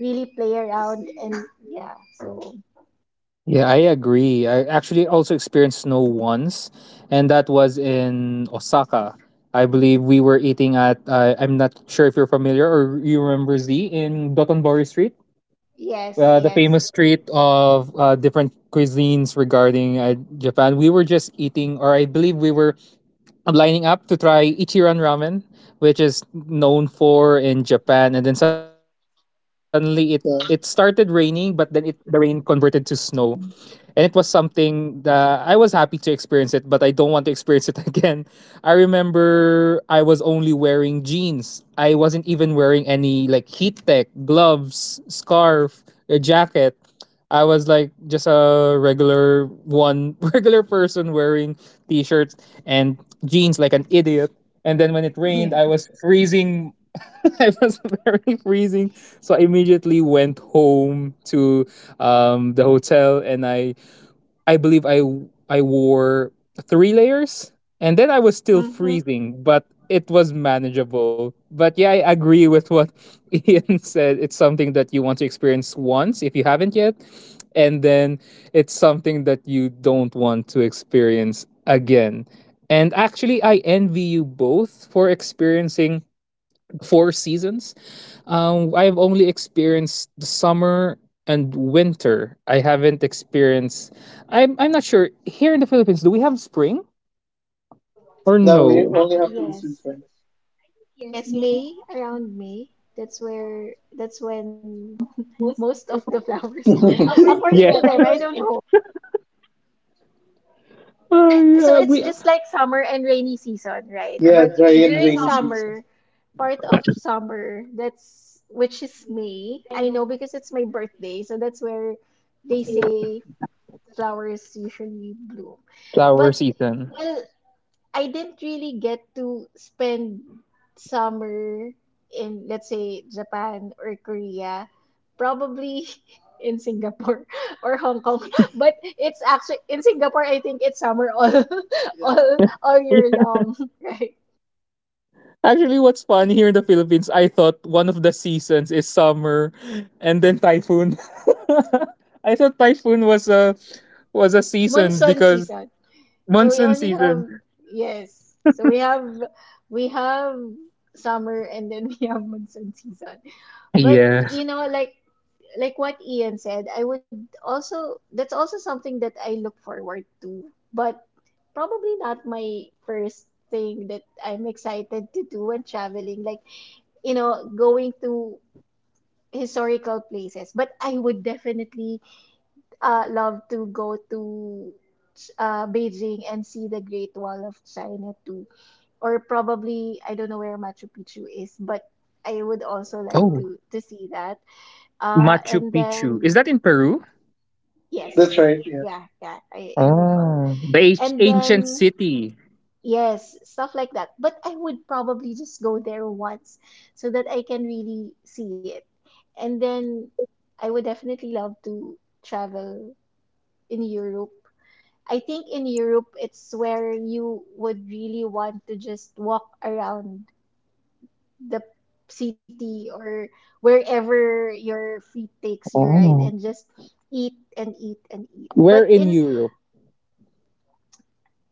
S2: really play around, and yeah. So
S1: Yeah, I agree. I actually also experienced snow once, and that was in Osaka. I believe we were eating at, I'm not sure if you're familiar or you remember, Z, in Dotonbori Street.
S2: yes,
S1: The
S2: yes.
S1: famous
S2: [clears throat]
S1: street of different cuisines regarding Japan. We were just eating, or I believe we were lining up to try Ichiran Ramen, which is known for in Japan. And then suddenly it started
S3: So
S1: raining, but then it the rain converted to snow, and it was something that I was happy to experience it, but I don't want to experience it [laughs] again. I remember I was only wearing jeans. I wasn't even wearing any like heat tech, gloves, scarf, a jacket. I was like just a regular one, [laughs] regular person wearing t-shirts and jeans like an idiot. And then when it rained, I
S2: Yeah.
S1: was freezing. [laughs] It was very freezing. So I immediately went home to, the hotel, and I believe I wore three layers, and then I was still
S2: Hmm.
S1: freezing, but it was manageable. But yeah, I agree with what [laughs] Ian said. It's something that you want to experience once if you haven't yet, and then it's something that you don't want to experience again. And actually, I envy you both for experiencing four seasons. I've only experienced the summer and winter. I haven't experienced. I'm not sure. Here in the Philippines, do we have spring or
S3: now we
S1: no?
S3: only have two
S2: Yes.
S3: seasons.
S2: I think yes, May, around May. That's when most of the flowers [laughs] bloom. According to
S1: Yeah,
S2: them, I don't know.
S3: [laughs]
S1: [laughs]
S2: So
S1: Yeah
S2: it's
S1: we
S2: just like summer and rainy season, right?
S3: Yeah,
S2: But
S3: dry and
S2: during
S3: rainy season.
S2: summer, part of summer, that's which is May. I know because it's my birthday, so that's where they say flowers usually bloom.
S1: flower
S2: But
S1: season.
S2: well, I didn't really get to spend summer in, let's say, Japan or Korea, probably [laughs] in Singapore [laughs] or Hong Kong. [laughs] But it's actually in Singapore, I think it's summer all [laughs] all year
S1: Yeah.
S2: long, [laughs] right?
S1: Actually, what's fun here in the Philippines, I thought one of the seasons is summer, and then typhoon. [laughs] I thought typhoon was a season,
S2: Monsoon
S1: because
S2: season. So we
S1: monsoon
S2: only
S1: season.
S2: have yes. So we have summer and then [laughs] we have monsoon season. But
S1: Yeah.
S2: you know, like what Ian said, I would also that's also something that I look forward to, but probably not my first thing that I'm excited to do when traveling, like you know, going to historical places. But I would definitely love to go to Beijing and see the Great Wall of China too, or probably I don't know where Machu Picchu is, but I would also
S1: Oh,
S2: like to see that.
S1: Machu
S2: And
S1: Picchu. Is that
S2: then
S1: in Peru?
S2: That's yes,
S3: That's
S2: right.
S3: right. Yeah.
S2: Yeah, yeah, I recall.
S1: Oh. The ancient
S2: And
S1: ancient
S2: then,
S1: city.
S2: yes, stuff like that. But I would probably just go there once so that I can really see it. And then I would definitely love to travel in Europe. I think in Europe, it's where you would really want to just walk around the city or wherever your feet takes you, right?
S1: Oh.
S2: And just eat and eat and eat.
S1: Where
S2: But
S1: in
S2: in
S1: Europe?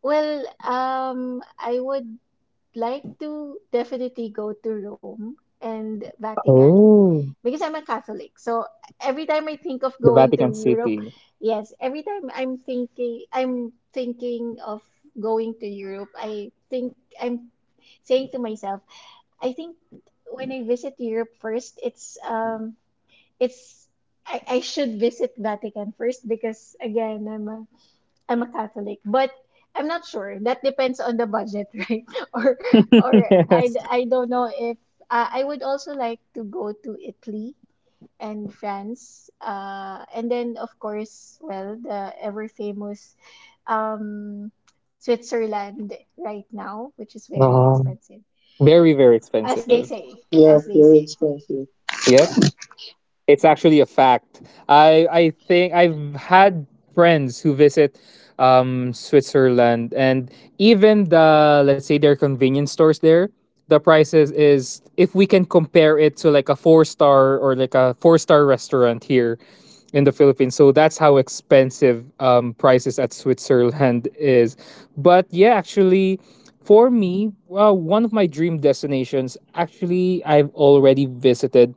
S2: well, I would like to definitely go to Rome and Vatican
S1: Oh.
S2: because I'm a Catholic. So every time I think of
S1: The
S2: going to
S1: Vatican
S2: Europe,
S1: City.
S2: yes, every time I'm thinking of going to Europe, I think I'm saying to myself, I think when I visit Europe first, it's I should visit Vatican first because again I'm a Catholic, but I'm not sure. That depends on the budget, [laughs] right? Or or
S1: [laughs]
S2: I,
S1: yes.
S2: I don't know if I would also like to go to Italy and France. And then of course, well, the ever famous um Switzerland right now, which is very
S1: Oh.
S2: expensive.
S1: Very, very
S2: As
S1: expensive.
S2: they say,
S3: Yeah,
S2: as they
S3: very
S2: say.
S3: expensive.
S1: Yep. It's actually a fact. I think I've had friends who visit, Switzerland, and even the, let's say, their convenience stores there, the prices is if we can compare it to like a four star, or like a four-star restaurant here in the Philippines. So that's how expensive prices at Switzerland [laughs] is. But yeah, actually, for me, well, one of my dream destinations actually I've already visited,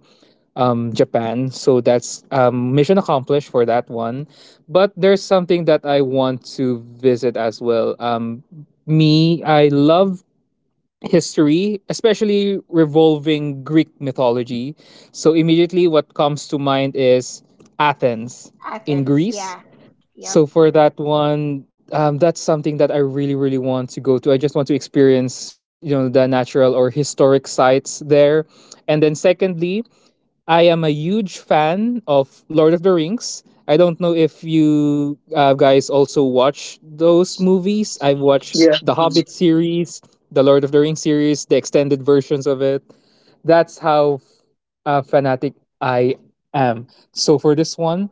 S1: Japan. So that's mission accomplished for that one. But there's something that I want to visit as well. Me, I love history, especially revolving Greek mythology. So immediately what comes to mind is Athens in
S2: Athens,
S1: Greece.
S2: yeah.
S1: So
S2: Yep.
S1: for that one, that's something that I really, really want to go to. I just want to experience, the natural or historic sites there. And then secondly, I am a huge fan of Lord of the Rings. I don't know if you guys also watch those movies. I've watched
S3: Yeah.
S1: the
S3: Mhm.
S1: Hobbit series, the Lord of the Rings series, the extended versions of it. That's how fanatic I am. So for this one,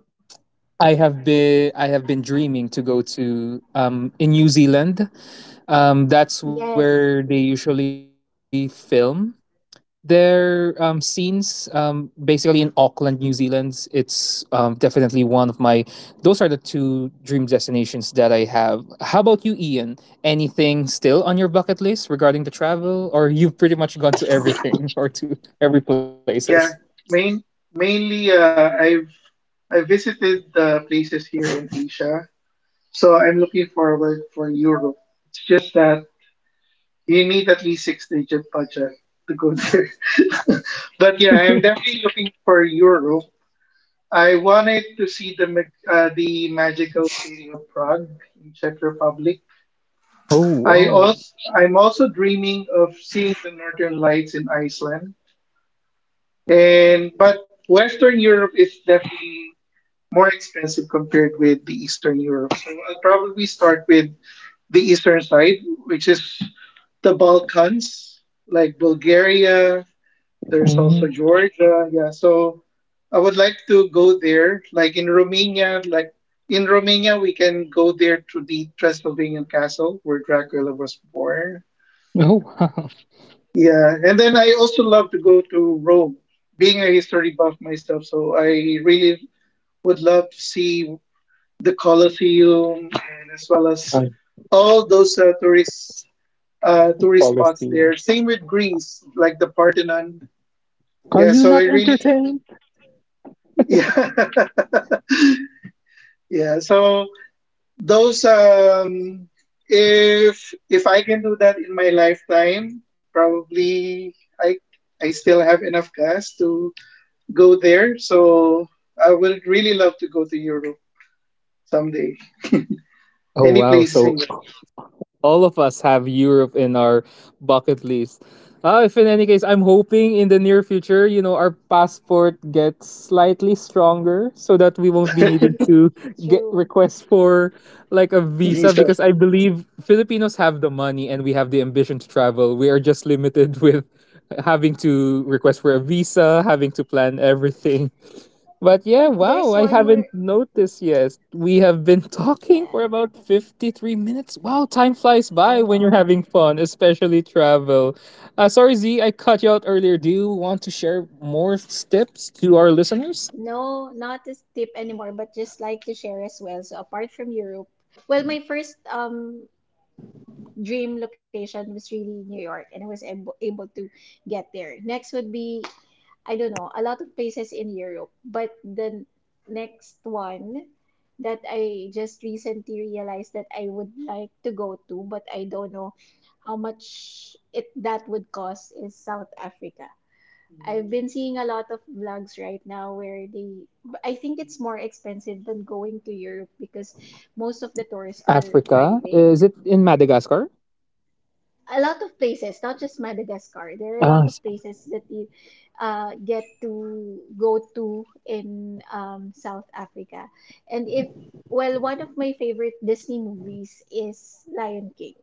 S1: I have been dreaming to go to in New Zealand. That's
S2: Yes.
S1: where they usually film their scenes basically in Auckland, New Zealand. It's definitely one of my those are the two dream destinations that I have. How about you, Ian? Anything still on your bucket list regarding the travel, or you've pretty much gone to everything [laughs] or to every places?
S3: Yeah. Main, Mainly, I visited the places here in Asia. So I'm looking forward for Europe. It's just that you need at least six digit budget to go there. [laughs] But yeah, I'm definitely looking for Europe. I wanted to see the the magical city of Prague in Czech Republic.
S1: Oh,
S3: I'm also dreaming of seeing the Northern Lights in Iceland. And but Western Europe is definitely more expensive compared with the Eastern Europe. So I'll probably start with the eastern side, which is the Balkans, like Bulgaria. There's also
S1: wow.
S3: Georgia. Yeah, so I would like to go there. Like in Romania, we can go there to the Transylvanian castle where Dracula was born.
S1: [laughs] Oh, wow.
S3: Yeah, and then I also love to go to Rome. Being a history buff myself, so I really would love to see the Colosseum and as well as
S1: I
S3: all those tourist spots
S1: Palestina.
S3: there. Same with Greece, like the Parthenon.
S1: Are
S3: Yeah,
S1: you
S3: so
S1: not
S3: it really,
S1: entertained?
S3: [laughs] yeah,
S1: [laughs]
S3: yeah. So those, if I can do that in my lifetime, probably I still have enough gas to go there. So I would really love to go to Europe someday.
S1: Oh,
S3: Any
S1: wow.
S3: places in
S1: So
S3: Europe.
S1: all of us have Europe in our bucket list. If in any case, I'm hoping in the near future, our passport gets slightly stronger so that we won't be
S2: Yeah.
S1: needing to get
S2: True.
S1: requests for like a
S3: [laughs]
S1: visa,
S3: Lisa.
S1: because I believe Filipinos have the money and we have the ambition to travel. We are just limited [laughs] with having to request for a visa, having to plan everything. But yeah,
S2: There's
S1: wow, I
S2: one more.
S1: haven't noticed yet. We have been [laughs]
S2: Yeah,
S1: talking for about 53 minutes. Wow, time flies
S2: I
S1: by when you're
S2: know.
S1: having fun, especially travel. Sorry, Z, I cut you out earlier. Do you want to share more tips to our listeners?
S2: No, not a tip anymore, but just like to share as well. So apart from Europe, well, my first dream location was really New York, and I was able to get there. Next would be I don't know, a lot of places in Europe, but the next one that I just recently realized that I would like to go to, but I don't know how much it that would cost is South Africa. I've been seeing a lot of vlogs right now where but I think it's more expensive than going to Europe because most of the tours are
S1: Africa.
S2: private.
S1: Is it in Madagascar?
S2: A lot of places, not just Madagascar, there are a lot
S1: Ah,
S2: of
S1: s-
S2: places that you get to go to in South Africa. And if, well, one of my favorite Disney movies is Lion King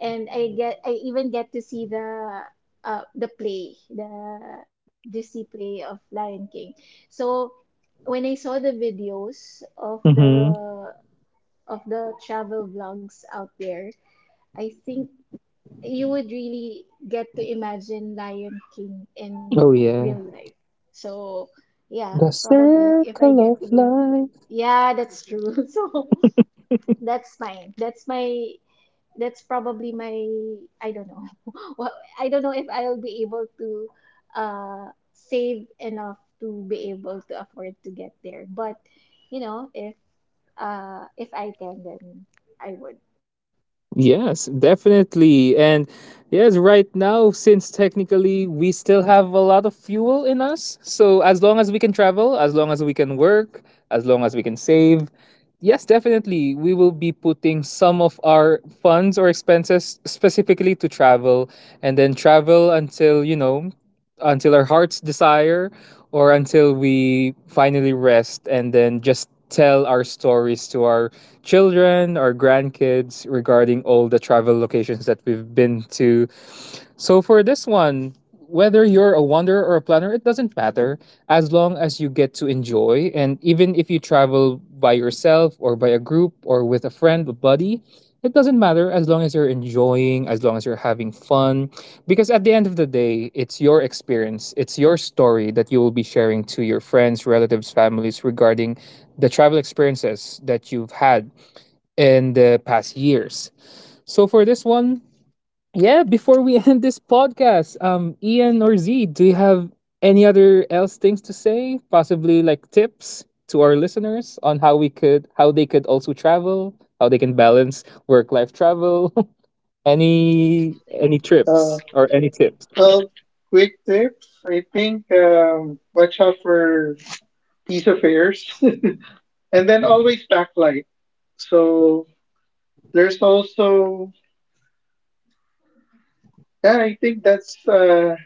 S2: and I even get to see the play the Disney play of Lion King. So when I saw the videos
S1: mhm.
S2: of the travel vlogs out there, I think you would really get to imagine Lion King in
S1: Oh,
S2: real
S1: yeah.
S2: life. So yeah,
S1: The
S2: probably if I
S1: circle
S2: get to
S1: of
S2: be
S1: life.
S2: yeah, that's true. [laughs] So
S1: [laughs]
S2: that's mine. That's my that's probably my I don't know. [laughs] Well, I don't know if I'll be able to uh save enough to be able to afford to get there. But you know, if I can then I would.
S1: Yes, definitely. And yes, right now, since technically we still have a lot of fuel in us, so as long as we can travel, as long as we can work, as long as we can save, yes, definitely, we will be putting some of our funds or expenses specifically to travel and then travel until, until our heart's desire, or until we finally rest and then just tell our stories to our children or grandkids regarding all the travel locations that we've been to. So for this one, whether you're a wanderer or a planner, it doesn't matter as long as you get to enjoy. And even if you travel by yourself or by a group or with a friend, a buddy, it doesn't matter as long as you're enjoying, as long as you're having fun. Because at the end of the day, it's your experience, it's your story that you will be sharing to your friends, relatives, families regarding the travel experiences that you've had in the past years. So for this one, yeah, before we [laughs] end this podcast, Ian or Z, do you have any other else things to say? Possibly like tips to our listeners on how we could, how they could also travel, how they can balance work life travel, [laughs] any
S3: Uh,
S1: trips or any tips.
S3: well, quick tips. I think watch out for peace affairs, and then always backlight. So there's also yeah, I think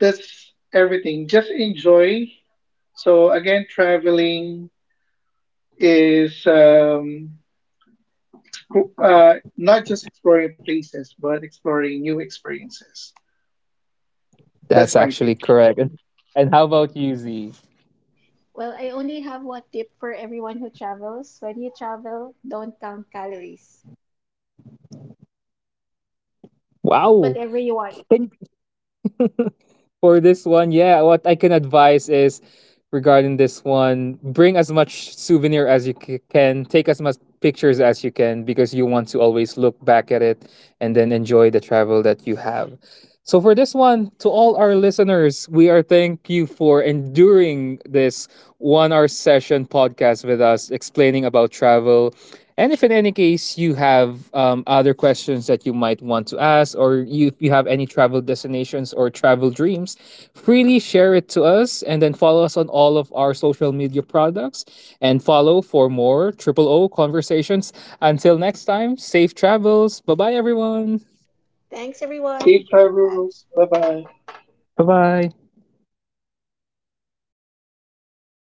S3: that's everything. Just enjoy. So again, traveling is not just exploring places, but exploring new experiences.
S1: That's
S3: That's
S1: actually
S3: my take.
S1: correct. And how about you, Z?
S2: Well, I only have one tip for everyone who travels. When you travel, don't count calories. Eat
S1: Wow.
S2: whatever you want.
S1: Can [laughs] For this one, yeah, what I can advise is regarding this one, bring as much souvenir as you can, take as much pictures as you can because you want to always look back at it and then enjoy the travel that you have. So for this one, to all our listeners, we are thank you for enduring this 1-hour session podcast with us explaining about travel. And if in any case you have other questions that you might want to ask, if you have any travel destinations or travel dreams, freely share it to us and then follow us on all of our social media products and follow for more Triple O conversations. Until next time, safe travels. Bye bye, everyone.
S2: Thanks
S3: Safe
S2: everyone.
S3: travels. Bye
S2: Thanks.
S3: bye.
S1: Bye bye.